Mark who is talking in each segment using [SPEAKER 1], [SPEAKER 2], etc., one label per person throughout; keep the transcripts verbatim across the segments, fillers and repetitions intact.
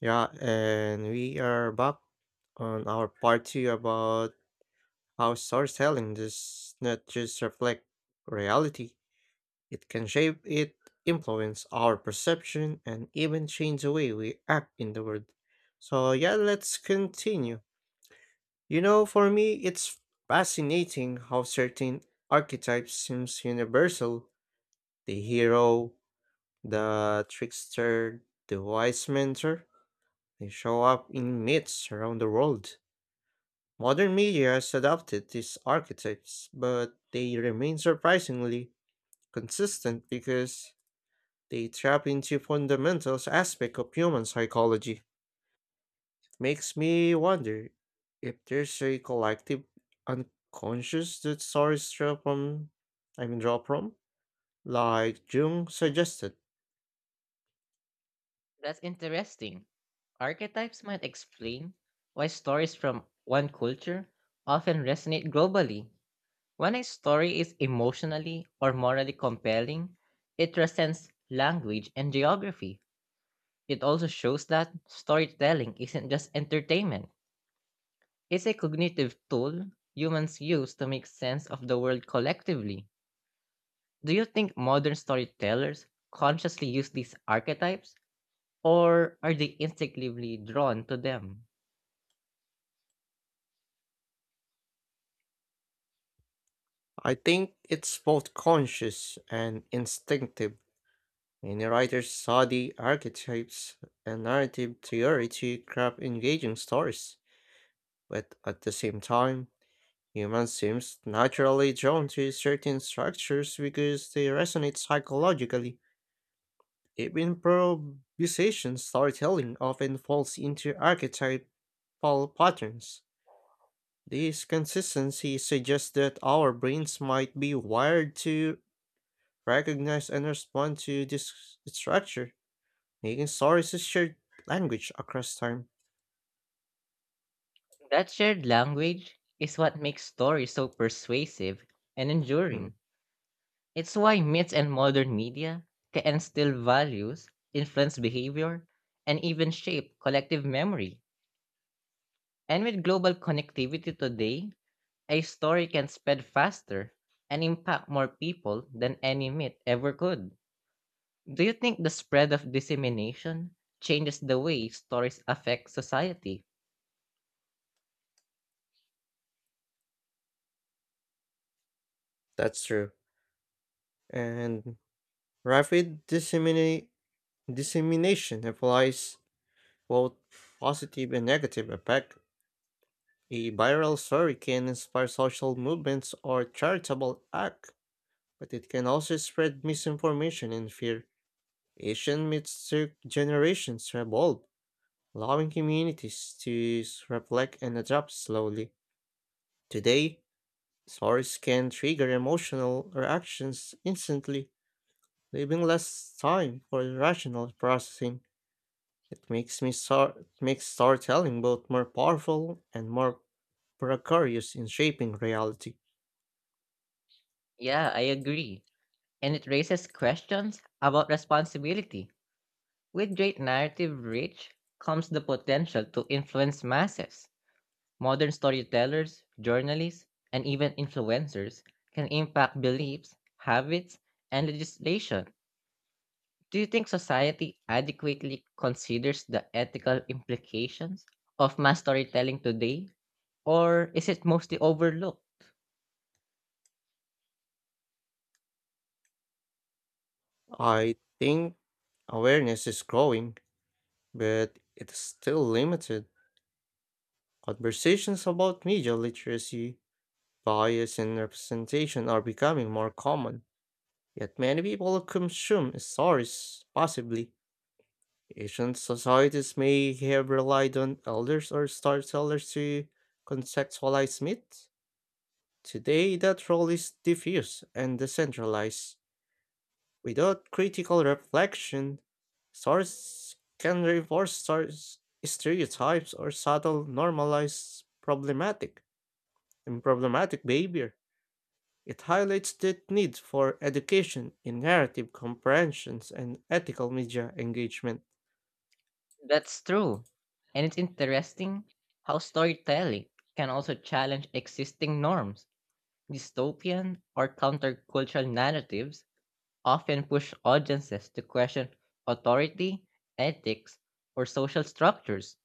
[SPEAKER 1] Yeah, and we are back on our part two about how storytelling does not just reflect reality, it can shape it, influence our perception, and even change the way we act in the world. So, yeah, let's continue. You know, for me, it's fascinating how certain archetypes seems universal. The hero, the trickster, the wise mentor, they show up in myths around the world. Modern media has adopted these archetypes, but they remain surprisingly consistent because they tap into fundamental aspects of human psychology. Makes me wonder if there's a collective unconscious that stories draw from, I mean, draw from, like Jung suggested.
[SPEAKER 2] That's interesting. Archetypes might explain why stories from one culture often resonate globally. When a story is emotionally or morally compelling, it transcends language and geography. It also shows that storytelling isn't just entertainment, it's a cognitive tool humans use to make sense of the world collectively. Do you think modern storytellers consciously use these archetypes, or are they instinctively drawn to them?
[SPEAKER 1] I think it's both conscious and instinctive. Many writers study archetypes and narrative theory to craft engaging stories, but at the same time, humans seem naturally drawn to certain structures because they resonate psychologically. Even improvisation storytelling often falls into archetypal patterns. This consistency suggests that our brains might be wired to recognize and respond to this structure. Making stories is shared language across time.
[SPEAKER 2] That shared language is what makes stories so persuasive and
[SPEAKER 1] Mm,
[SPEAKER 2] enduring. It's why myths and modern media can instill values, influence behavior, and even shape collective memory. And with global connectivity today, a story can spread faster and impact more people than any myth ever could. Do you think the spread of dissemination changes the way stories affect society?
[SPEAKER 1] that's true. And rapid dissemina- dissemination applies both positive and negative effect. A viral story can inspire social movements or charitable act, but it can also spread misinformation and fear. Asian myths took generations to evolve, allowing communities to s- reflect and adapt slowly. Today, stories can trigger emotional reactions instantly, leaving less time for rational processing. It makes me star- makes storytelling both more powerful and more precarious in shaping reality.
[SPEAKER 2] Yeah, I agree, and it raises questions about responsibility. With great narrative reach comes the potential to influence masses. Modern storytellers, journalists, and even influencers can impact beliefs, habits, and legislation. Do you think society adequately considers the ethical implications of mass storytelling today, or is it mostly overlooked?
[SPEAKER 1] I think awareness is growing, but it's still limited. Conversations about media literacy, bias, and representation are becoming more common, yet many people consume stories passively. Ancient societies may have relied on elders or storytellers to contextualize myth. Today, that role is diffuse and decentralized. Without critical reflection, stories can reinforce stories, stereotypes or subtle normalize problematic and problematic behavior. It highlights the need for education in narrative comprehensions and ethical media engagement.
[SPEAKER 2] That's true. And it's interesting how storytelling can also challenge existing norms. Dystopian or countercultural narratives often push audiences to question authority, ethics, or social structures.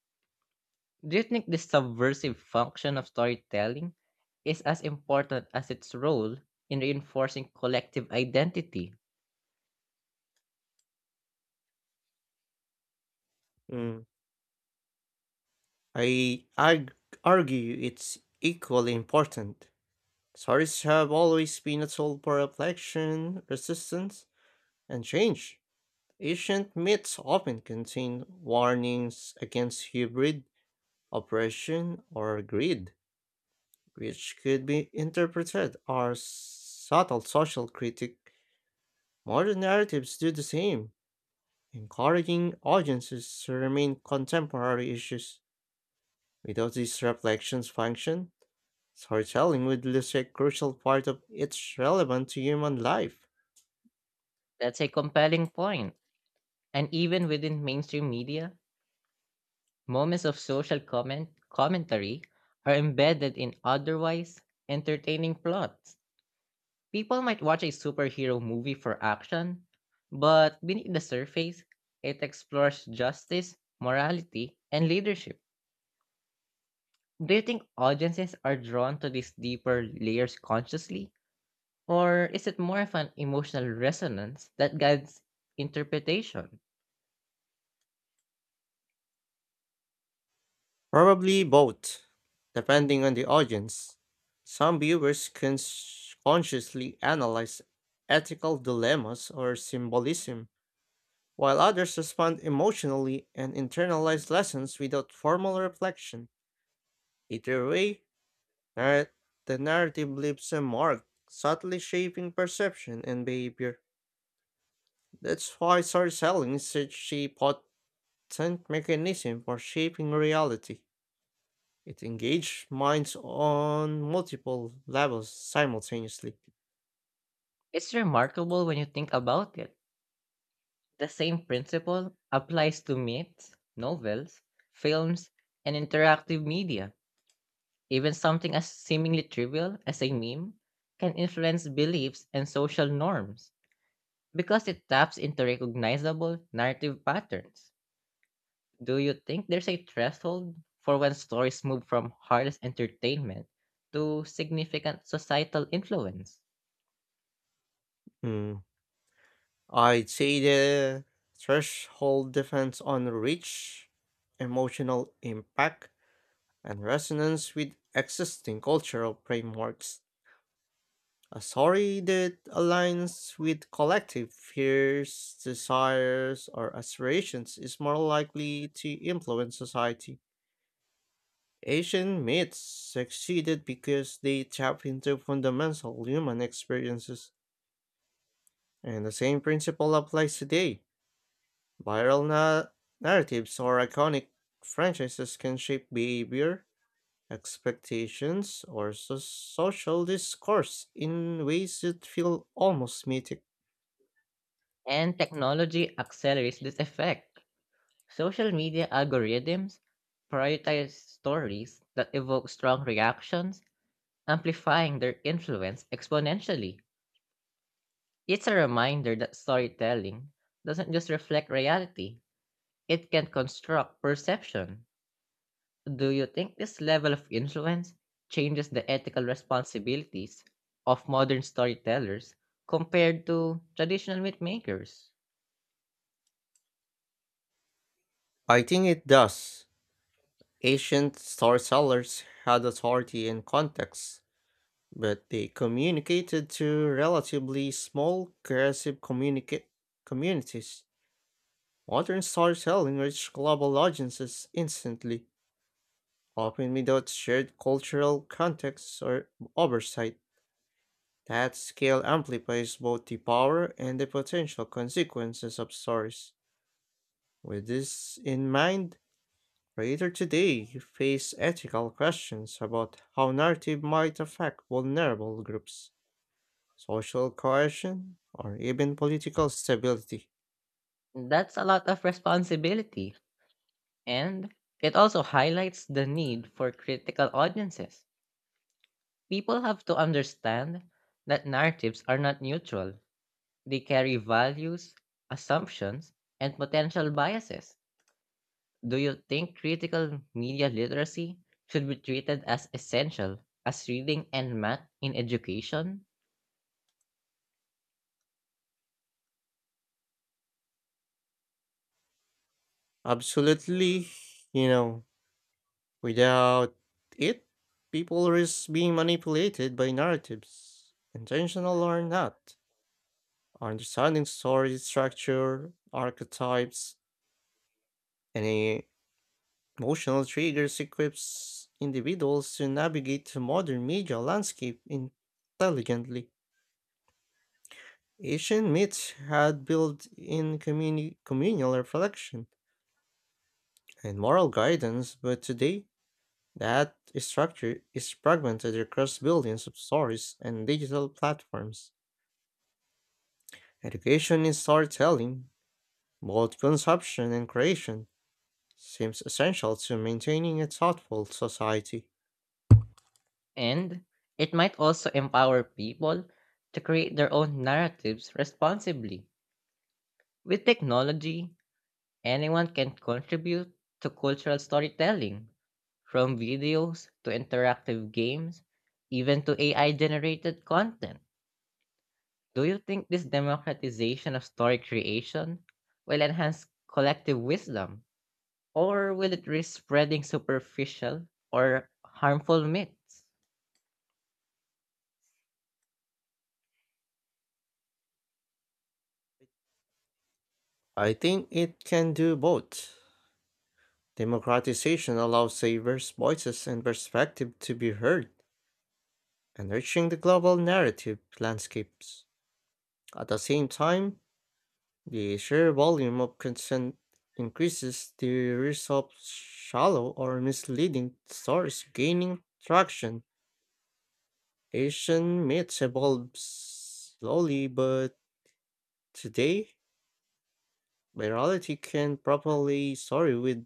[SPEAKER 2] Do you think this subversive function of storytelling is as important as its role in reinforcing collective identity?
[SPEAKER 1] Mm. I arg- argue it's equally important. Stories have always been a tool for reflection, resistance, and change. Ancient myths often contain warnings against hybrid oppression or greed, which could be interpreted as subtle social critique. Modern narratives do the same, encouraging audiences to remain contemporary issues. Without these reflections function, storytelling would lose a crucial part of its relevance to human life.
[SPEAKER 2] That's a compelling point. And even within mainstream media, moments of social comment commentary are embedded in otherwise entertaining plots. People might watch a superhero movie for action, but beneath the surface, it explores justice, morality, and leadership. Do you think audiences are drawn to these deeper layers consciously, or is it more of an emotional resonance that guides interpretation?
[SPEAKER 1] Probably both, depending on the audience. Some viewers cons- consciously analyze ethical dilemmas or symbolism, while others respond emotionally and internalize lessons without formal reflection. Either way, narr- the narrative leaves a mark, subtly shaping perception and behavior. That's why storytelling is such a pot distant mechanism for shaping reality. It engaged minds on multiple levels simultaneously.
[SPEAKER 2] It's remarkable when you think about it. The same principle applies to myths, novels, films, and interactive media. Even something as seemingly trivial as a meme can influence beliefs and social norms because it taps into recognizable narrative patterns. Do you think there's a threshold for when stories move from harmless entertainment to significant societal influence?
[SPEAKER 1] Hmm. I'd say the threshold depends on reach, emotional impact, and resonance with existing cultural frameworks. A story that aligns with collective fears, desires, or aspirations is more likely to influence society. Asian myths succeeded because they tap into fundamental human experiences, and the same principle applies today. Viral na- narratives or iconic franchises can shape behavior, expectations, or so- social discourse in ways that feel almost mythic.
[SPEAKER 2] And technology accelerates this effect. Social media algorithms prioritize stories that evoke strong reactions, amplifying their influence exponentially. It's a reminder that storytelling doesn't just reflect reality, it can construct perception. Do you think this level of influence changes the ethical responsibilities of modern storytellers compared to traditional myth makers?
[SPEAKER 1] I think it does. Ancient storytellers had authority and context, but they communicated to relatively small, cohesive communica- communities. Modern storytelling reached global audiences instantly, often without shared cultural context or oversight. That scale amplifies both the power and the potential consequences of stories. With this in mind, creators today face ethical questions about how narrative might affect vulnerable groups, social cohesion, or even political stability.
[SPEAKER 2] That's a lot of responsibility. And it also highlights the need for critical audiences. People have to understand that narratives are not neutral, they carry values, assumptions, and potential biases. Do you think critical media literacy should be treated as essential as reading and math in education?
[SPEAKER 1] Absolutely, you know, without it, people risk being manipulated by narratives, intentional or not. Understanding story structure, archetypes, and e- emotional triggers equips individuals to navigate the modern media landscape intelligently. Asian myths had built in communi- communal reflection and moral guidance, but today that structure is fragmented across billions of stories and digital platforms. Education in storytelling, both consumption and creation, seems essential to maintaining a thoughtful society.
[SPEAKER 2] And it might also empower people to create their own narratives responsibly. With technology, anyone can contribute to cultural storytelling, from videos to interactive games, even to A I generated content. Do you think this democratization of story creation will enhance collective wisdom, or will it risk spreading superficial or harmful myths?
[SPEAKER 1] I think it can do both. Democratization allows diverse voices and perspectives to be heard, enriching the global narrative landscapes. At the same time, the sheer volume of content increases the risk of shallow or misleading stories gaining traction. Asian myths evolve slowly, but today, virality can properly story with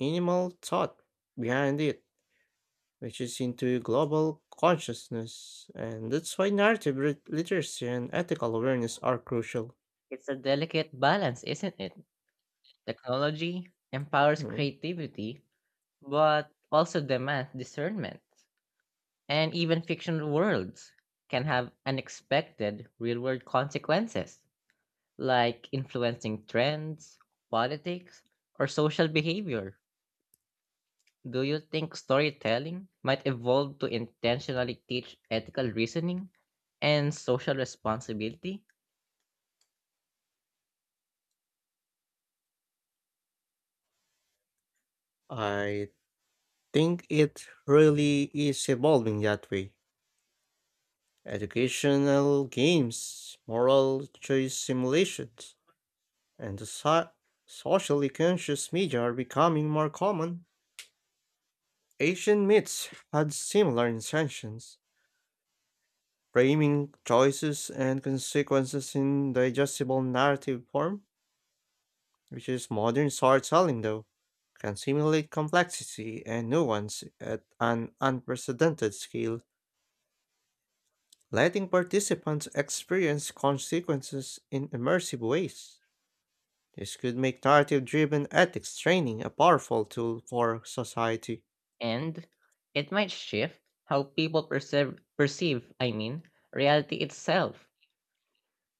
[SPEAKER 1] minimal thought behind it, which is into global consciousness, and that's why narrative lit- literacy and ethical awareness are crucial.
[SPEAKER 2] It's a delicate balance, isn't it? Technology empowers
[SPEAKER 1] Mm.
[SPEAKER 2] creativity, but also demands discernment. And even fictional worlds can have unexpected real world consequences, like influencing trends, politics, or social behavior. Do you think storytelling might evolve to intentionally teach ethical reasoning and social responsibility?
[SPEAKER 1] I think it really is evolving that way. Educational games, moral choice simulations, and the so- socially conscious media are becoming more common. Asian myths had similar intentions, framing choices and consequences in digestible narrative form, which is modern storytelling though, can simulate complexity and nuance at an unprecedented scale, letting participants experience consequences in immersive ways. This could make narrative driven ethics training a powerful tool for society.
[SPEAKER 2] And it might shift how people perceive, perceive I mean, reality itself.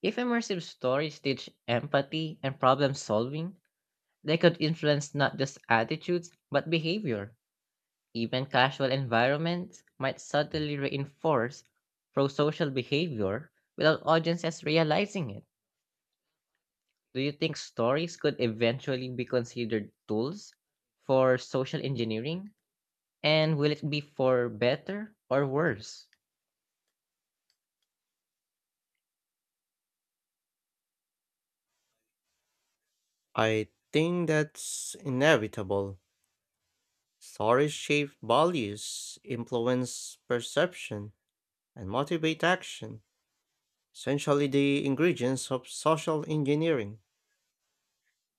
[SPEAKER 2] If immersive stories teach empathy and problem solving, they could influence not just attitudes, but behavior. Even casual environments might subtly reinforce pro social behavior without audiences realizing it. Do you think stories could eventually be considered tools for social engineering? And will it be for better or worse?
[SPEAKER 1] I think that's inevitable. Stories shape values, influence perception, and motivate action, essentially, the ingredients of social engineering.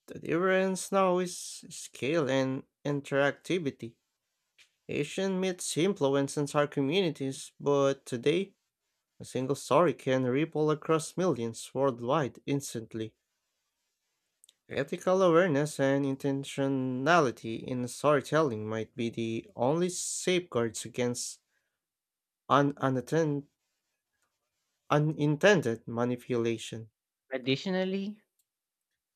[SPEAKER 1] The difference now is scale and interactivity. Asian myths influence entire communities, but today a single story can ripple across millions worldwide instantly. Ethical awareness and intentionality in storytelling might be the only safeguards against un- unattend- unintended manipulation.
[SPEAKER 2] Additionally,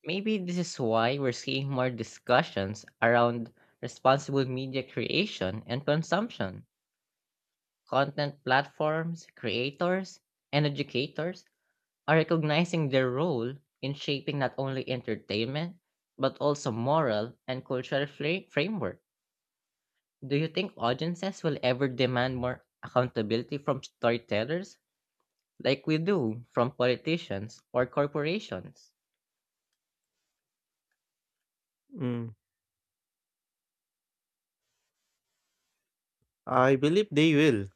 [SPEAKER 2] maybe this is why we're seeing more discussions around responsible media creation and consumption. Content platforms, creators, and educators are recognizing their role in shaping not only entertainment, but also moral and cultural fra- framework. Do you think audiences will ever demand more accountability from storytellers like we do from politicians or corporations?
[SPEAKER 1] Mm, I believe they will,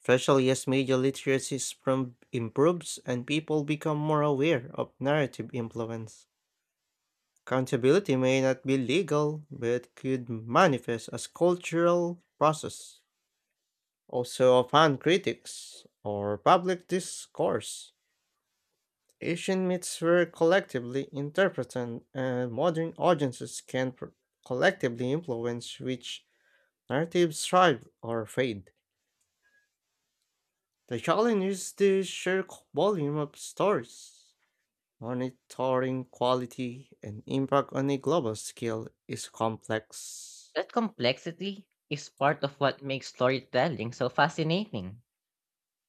[SPEAKER 1] especially as media literacy prom- improves and people become more aware of narrative influence. Accountability may not be legal, but could manifest as cultural process. Also, upon critics or public discourse, Asian myths were collectively interpreted, and modern audiences can pr- collectively influence which narratives thrive or fade. The challenge is the sheer c- volume of stories. Monitoring quality and impact on a global scale is complex.
[SPEAKER 2] That complexity is part of what makes storytelling so fascinating.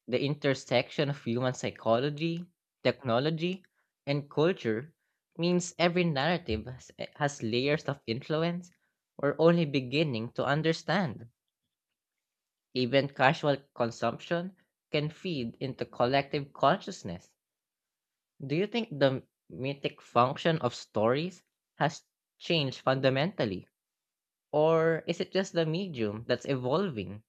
[SPEAKER 2] The intersection of human psychology, technology, and culture means every narrative has, eh, has layers of influence we're only beginning to understand. Even casual consumption can feed into collective consciousness. Do you think the mythic function of stories has changed fundamentally? Or is it just the medium that's evolving?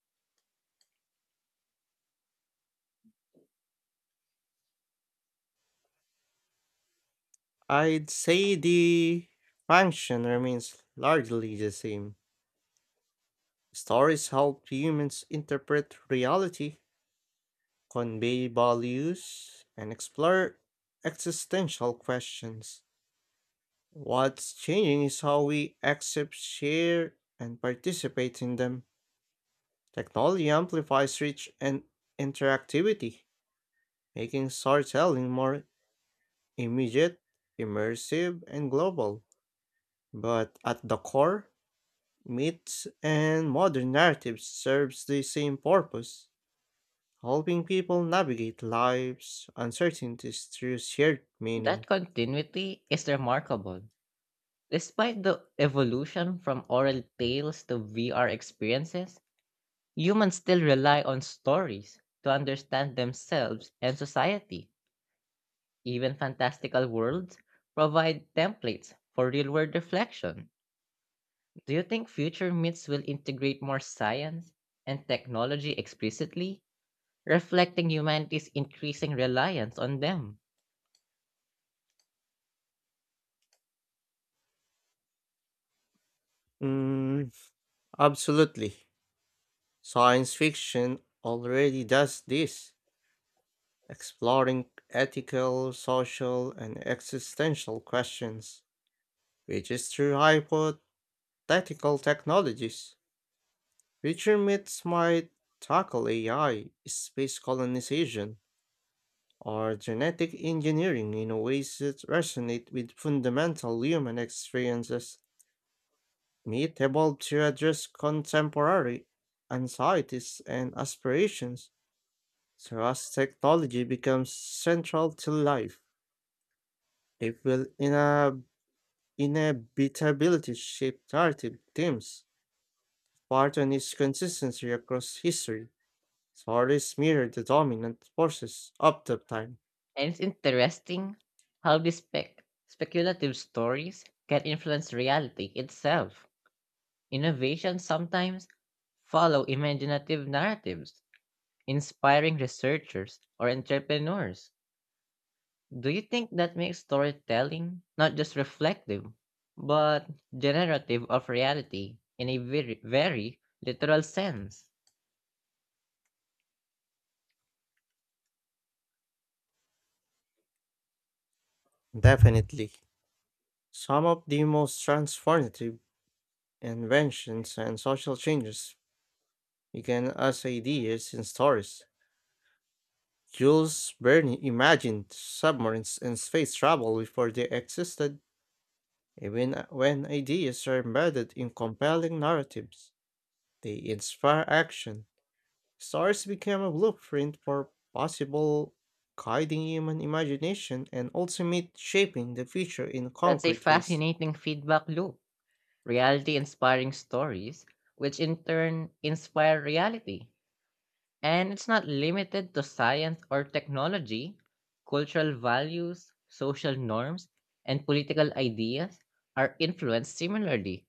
[SPEAKER 1] I'd say the function remains largely the same. Stories help humans interpret reality, convey values, and explore existential questions. What's changing is how we accept, share, and participate in them. Technology amplifies reach and interactivity, making storytelling more immediate, immersive, and global. But at the core, myths and modern narratives serves the same purpose, helping people navigate life's uncertainties through shared
[SPEAKER 2] That
[SPEAKER 1] meaning.
[SPEAKER 2] continuity is remarkable. Despite the evolution from oral tales to V R experiences, humans still rely on stories to understand themselves and society. Even fantastical worlds provide templates for real world reflection. Do you think future myths will integrate more science and technology explicitly, reflecting humanity's increasing reliance on them?
[SPEAKER 1] Mm, absolutely. Science fiction already does this, exploring ethical, social, and existential questions, which is through hypothetical technologies. Future myths might tackle A I, space colonization, or genetic engineering in ways that resonate with fundamental human experiences. Meat evolved to address contemporary anxieties and aspirations, so as technology becomes central to life, it will ina- inevitably shape narrative themes. Pattern is consistency across history. Stories mirror the dominant forces of the time.
[SPEAKER 2] And it's interesting how these spec- speculative stories can influence reality itself. Innovations sometimes follow imaginative narratives, inspiring researchers or entrepreneurs. Do you think that makes storytelling not just reflective, but generative of reality in a very, very literal sense?
[SPEAKER 1] Definitely. Some of the most transformative inventions and social changes began as ideas in stories. Jules Verne imagined submarines and space travel before they existed. Even uh, when ideas are embedded in compelling narratives, they inspire action. Stars became a blueprint for possible, guiding human imagination and ultimate shaping the future in
[SPEAKER 2] That's a
[SPEAKER 1] concrete ways.
[SPEAKER 2] fascinating feedback loop. Reality inspiring stories, which in turn inspire reality. And it's not limited to science or technology. Cultural values, social norms, and political ideas are influenced similarly.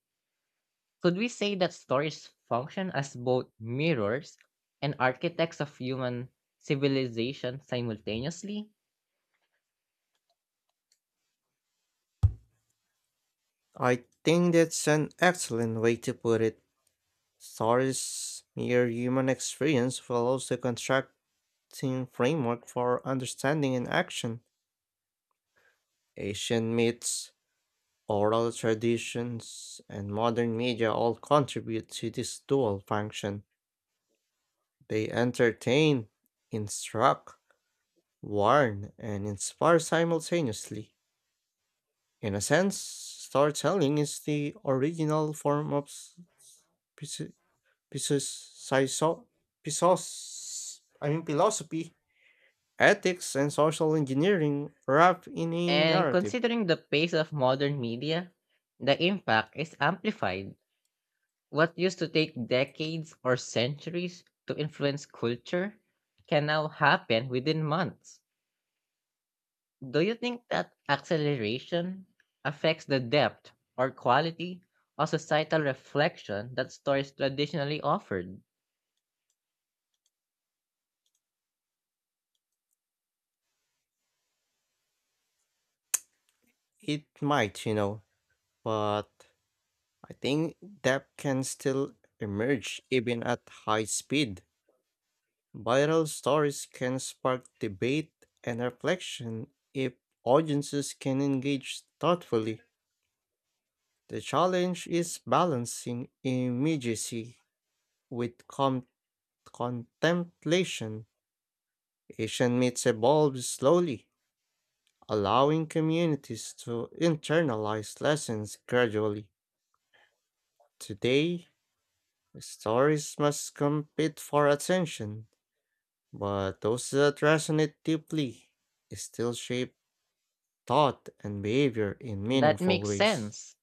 [SPEAKER 2] Could we say that stories function as both mirrors and architects of human civilization simultaneously?
[SPEAKER 1] I think that's an excellent way to put it. Stars mere human experience follows the constructing framework for understanding and action. Asian myths, oral traditions, and modern media all contribute to this dual function. They entertain, instruct, warn, and inspire simultaneously. In a sense, storytelling is the original form of s- s- physi- physiso- physos- I mean philosophy, ethics, and social engineering wrapped in a
[SPEAKER 2] And
[SPEAKER 1] narrative.
[SPEAKER 2] considering the pace of modern media, the impact is amplified. What used to take decades or centuries to influence culture can now happen within months. Do you think that acceleration affects the depth or quality of societal reflection that stories traditionally offered?
[SPEAKER 1] It might, you know, but I think depth can still emerge even at high speed. Viral stories can spark debate and reflection if audiences can engage thoughtfully. The challenge is balancing immediacy with com- contemplation. Asian myths evolve slowly, allowing communities to internalize lessons gradually. Today, stories must compete for attention, but those that resonate deeply still shape thought and behavior in
[SPEAKER 2] That
[SPEAKER 1] meaningful
[SPEAKER 2] makes
[SPEAKER 1] ways.
[SPEAKER 2] sense.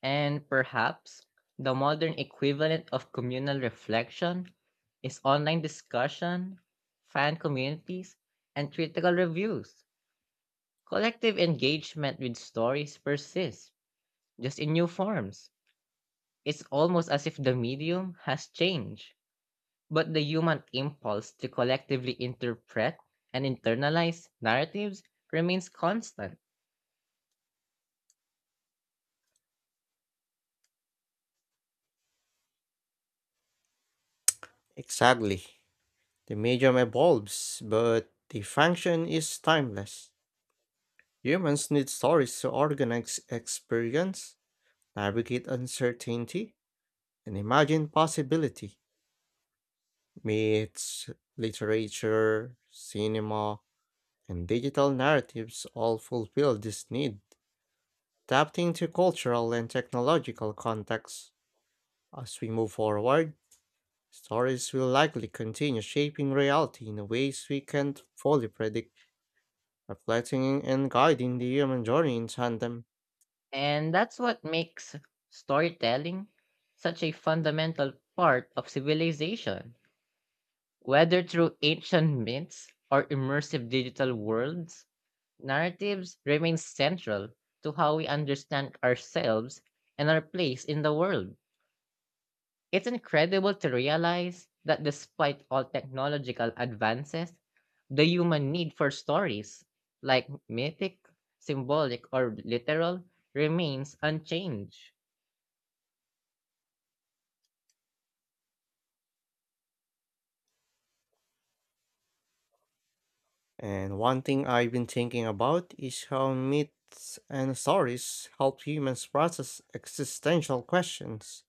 [SPEAKER 2] And perhaps the modern equivalent of communal reflection is online discussion, fan communities, and critical reviews. Collective engagement with stories persists, just in new forms. It's almost as if the medium has changed, but the human impulse to collectively interpret and internalize narratives remains constant.
[SPEAKER 1] Exactly. The medium evolves, but the function is timeless. Humans need stories to organize experience, navigate uncertainty, and imagine possibility. Myths, literature, cinema, and digital narratives all fulfill this need, adapting to cultural and technological contexts. As we move forward, stories will likely continue shaping reality in ways we can't fully predict, reflecting and guiding the human journey in tandem.
[SPEAKER 2] And that's what makes storytelling such a fundamental part of civilization. Whether through ancient myths or immersive digital worlds, narratives remain central to how we understand ourselves and our place in the world. It's incredible to realize that despite all technological advances, the human need for stories, like mythic, symbolic, or literal, remains unchanged.
[SPEAKER 1] And one thing I've been thinking about is how myths and stories help humans process existential questions.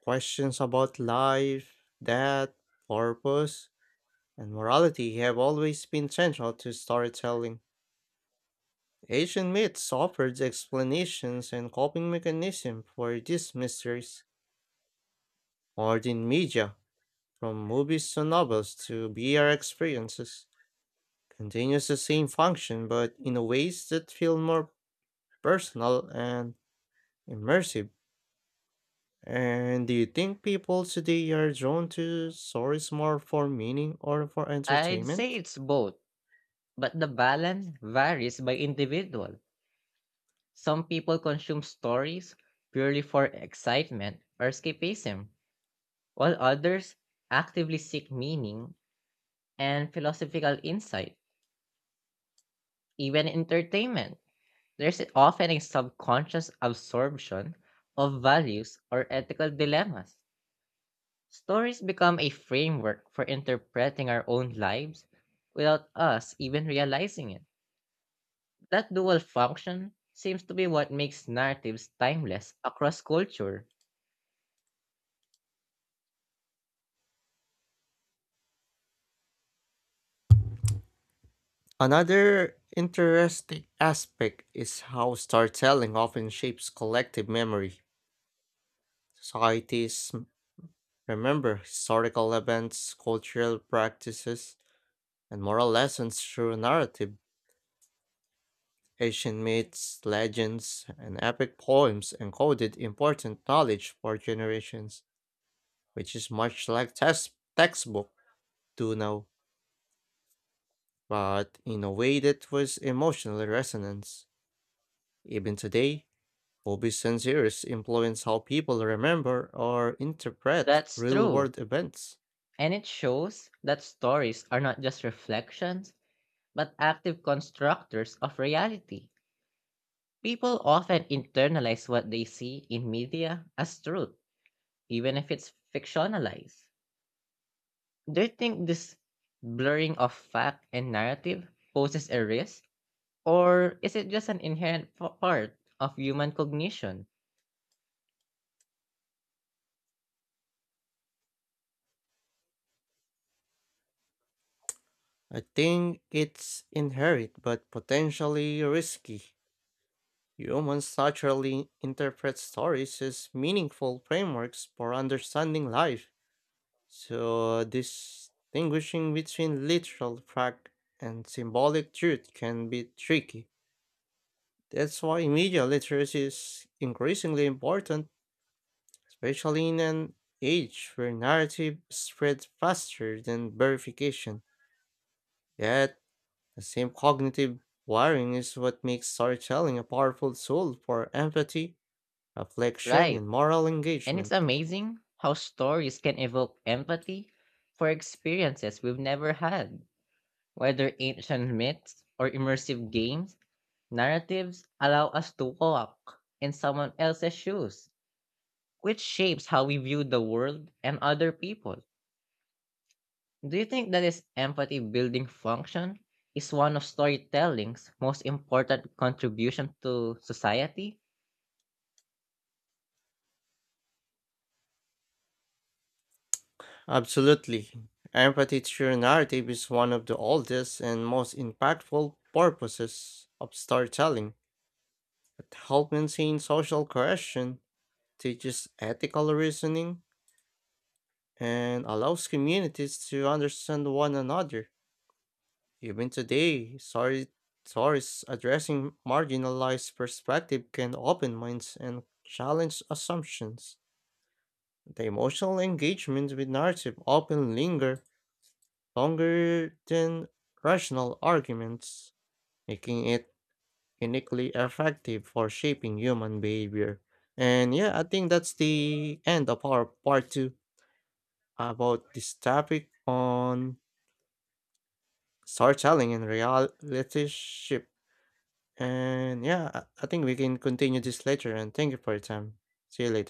[SPEAKER 1] Questions about life, death, purpose, and morality have always been central to storytelling. Asian myths offered explanations and coping mechanisms for these mysteries. Modern media, from movies to novels to V R experiences, continues the same function but in ways that feel more personal and immersive. And do you think people today are drawn to stories more for meaning or for
[SPEAKER 2] I'd say
[SPEAKER 1] entertainment?
[SPEAKER 2] it's both, but the balance varies by individual. Some people consume stories purely for excitement or escapism, while others actively seek meaning and philosophical insight, even entertainment. There's often a subconscious absorption of values or ethical dilemmas. Stories become a framework for interpreting our own lives without us even realizing it. That dual function seems to be what makes narratives timeless across culture.
[SPEAKER 1] Another interesting aspect is how storytelling often shapes collective memory. Societies remember historical events, cultural practices, and moral lessons through narrative. Ancient myths, legends, and epic poems encoded important knowledge for generations, which is much like test textbook do now, but in a way that was emotionally resonance. Even today, movies and series influence how people remember or interpret
[SPEAKER 2] That's true.
[SPEAKER 1] real-world events.
[SPEAKER 2] And it shows that stories are not just reflections, but active constructors of reality. People often internalize what they see in media as truth even if it's fictionalized. Do you think this blurring of fact and narrative poses a risk, or is it just an inherent p- part of human cognition?
[SPEAKER 1] I think it's inherent but potentially risky. Humans naturally interpret stories as meaningful frameworks for understanding life, so distinguishing between literal fact and symbolic truth can be tricky. That's why media literacy is increasingly important, especially in an age where narrative spreads faster than verification. Yet, the same cognitive wiring is what makes storytelling a powerful tool for empathy, reflection, and
[SPEAKER 2] Right.
[SPEAKER 1] moral
[SPEAKER 2] And it's
[SPEAKER 1] engagement.
[SPEAKER 2] amazing how stories can evoke empathy for experiences we've never had. Whether ancient myths or immersive games, narratives allow us to walk in someone else's shoes, which shapes how we view the world and other people. Do you think that this empathy building function is one of storytelling's most important contribution to society?
[SPEAKER 1] Absolutely. Empathy through narrative is one of the oldest and most impactful purposes of storytelling. It helps maintain social cohesion, teaches ethical reasoning, and allows communities to understand one another. Even today, sorry, stories addressing marginalized perspective can open minds and challenge assumptions. The emotional engagement with narrative often linger longer than rational arguments, making it uniquely effective for shaping human behavior. And yeah, I think that's the end of our part two about this topic on storytelling and reality ship. And yeah, I I think we can continue this later. And thank you for your time. See you later.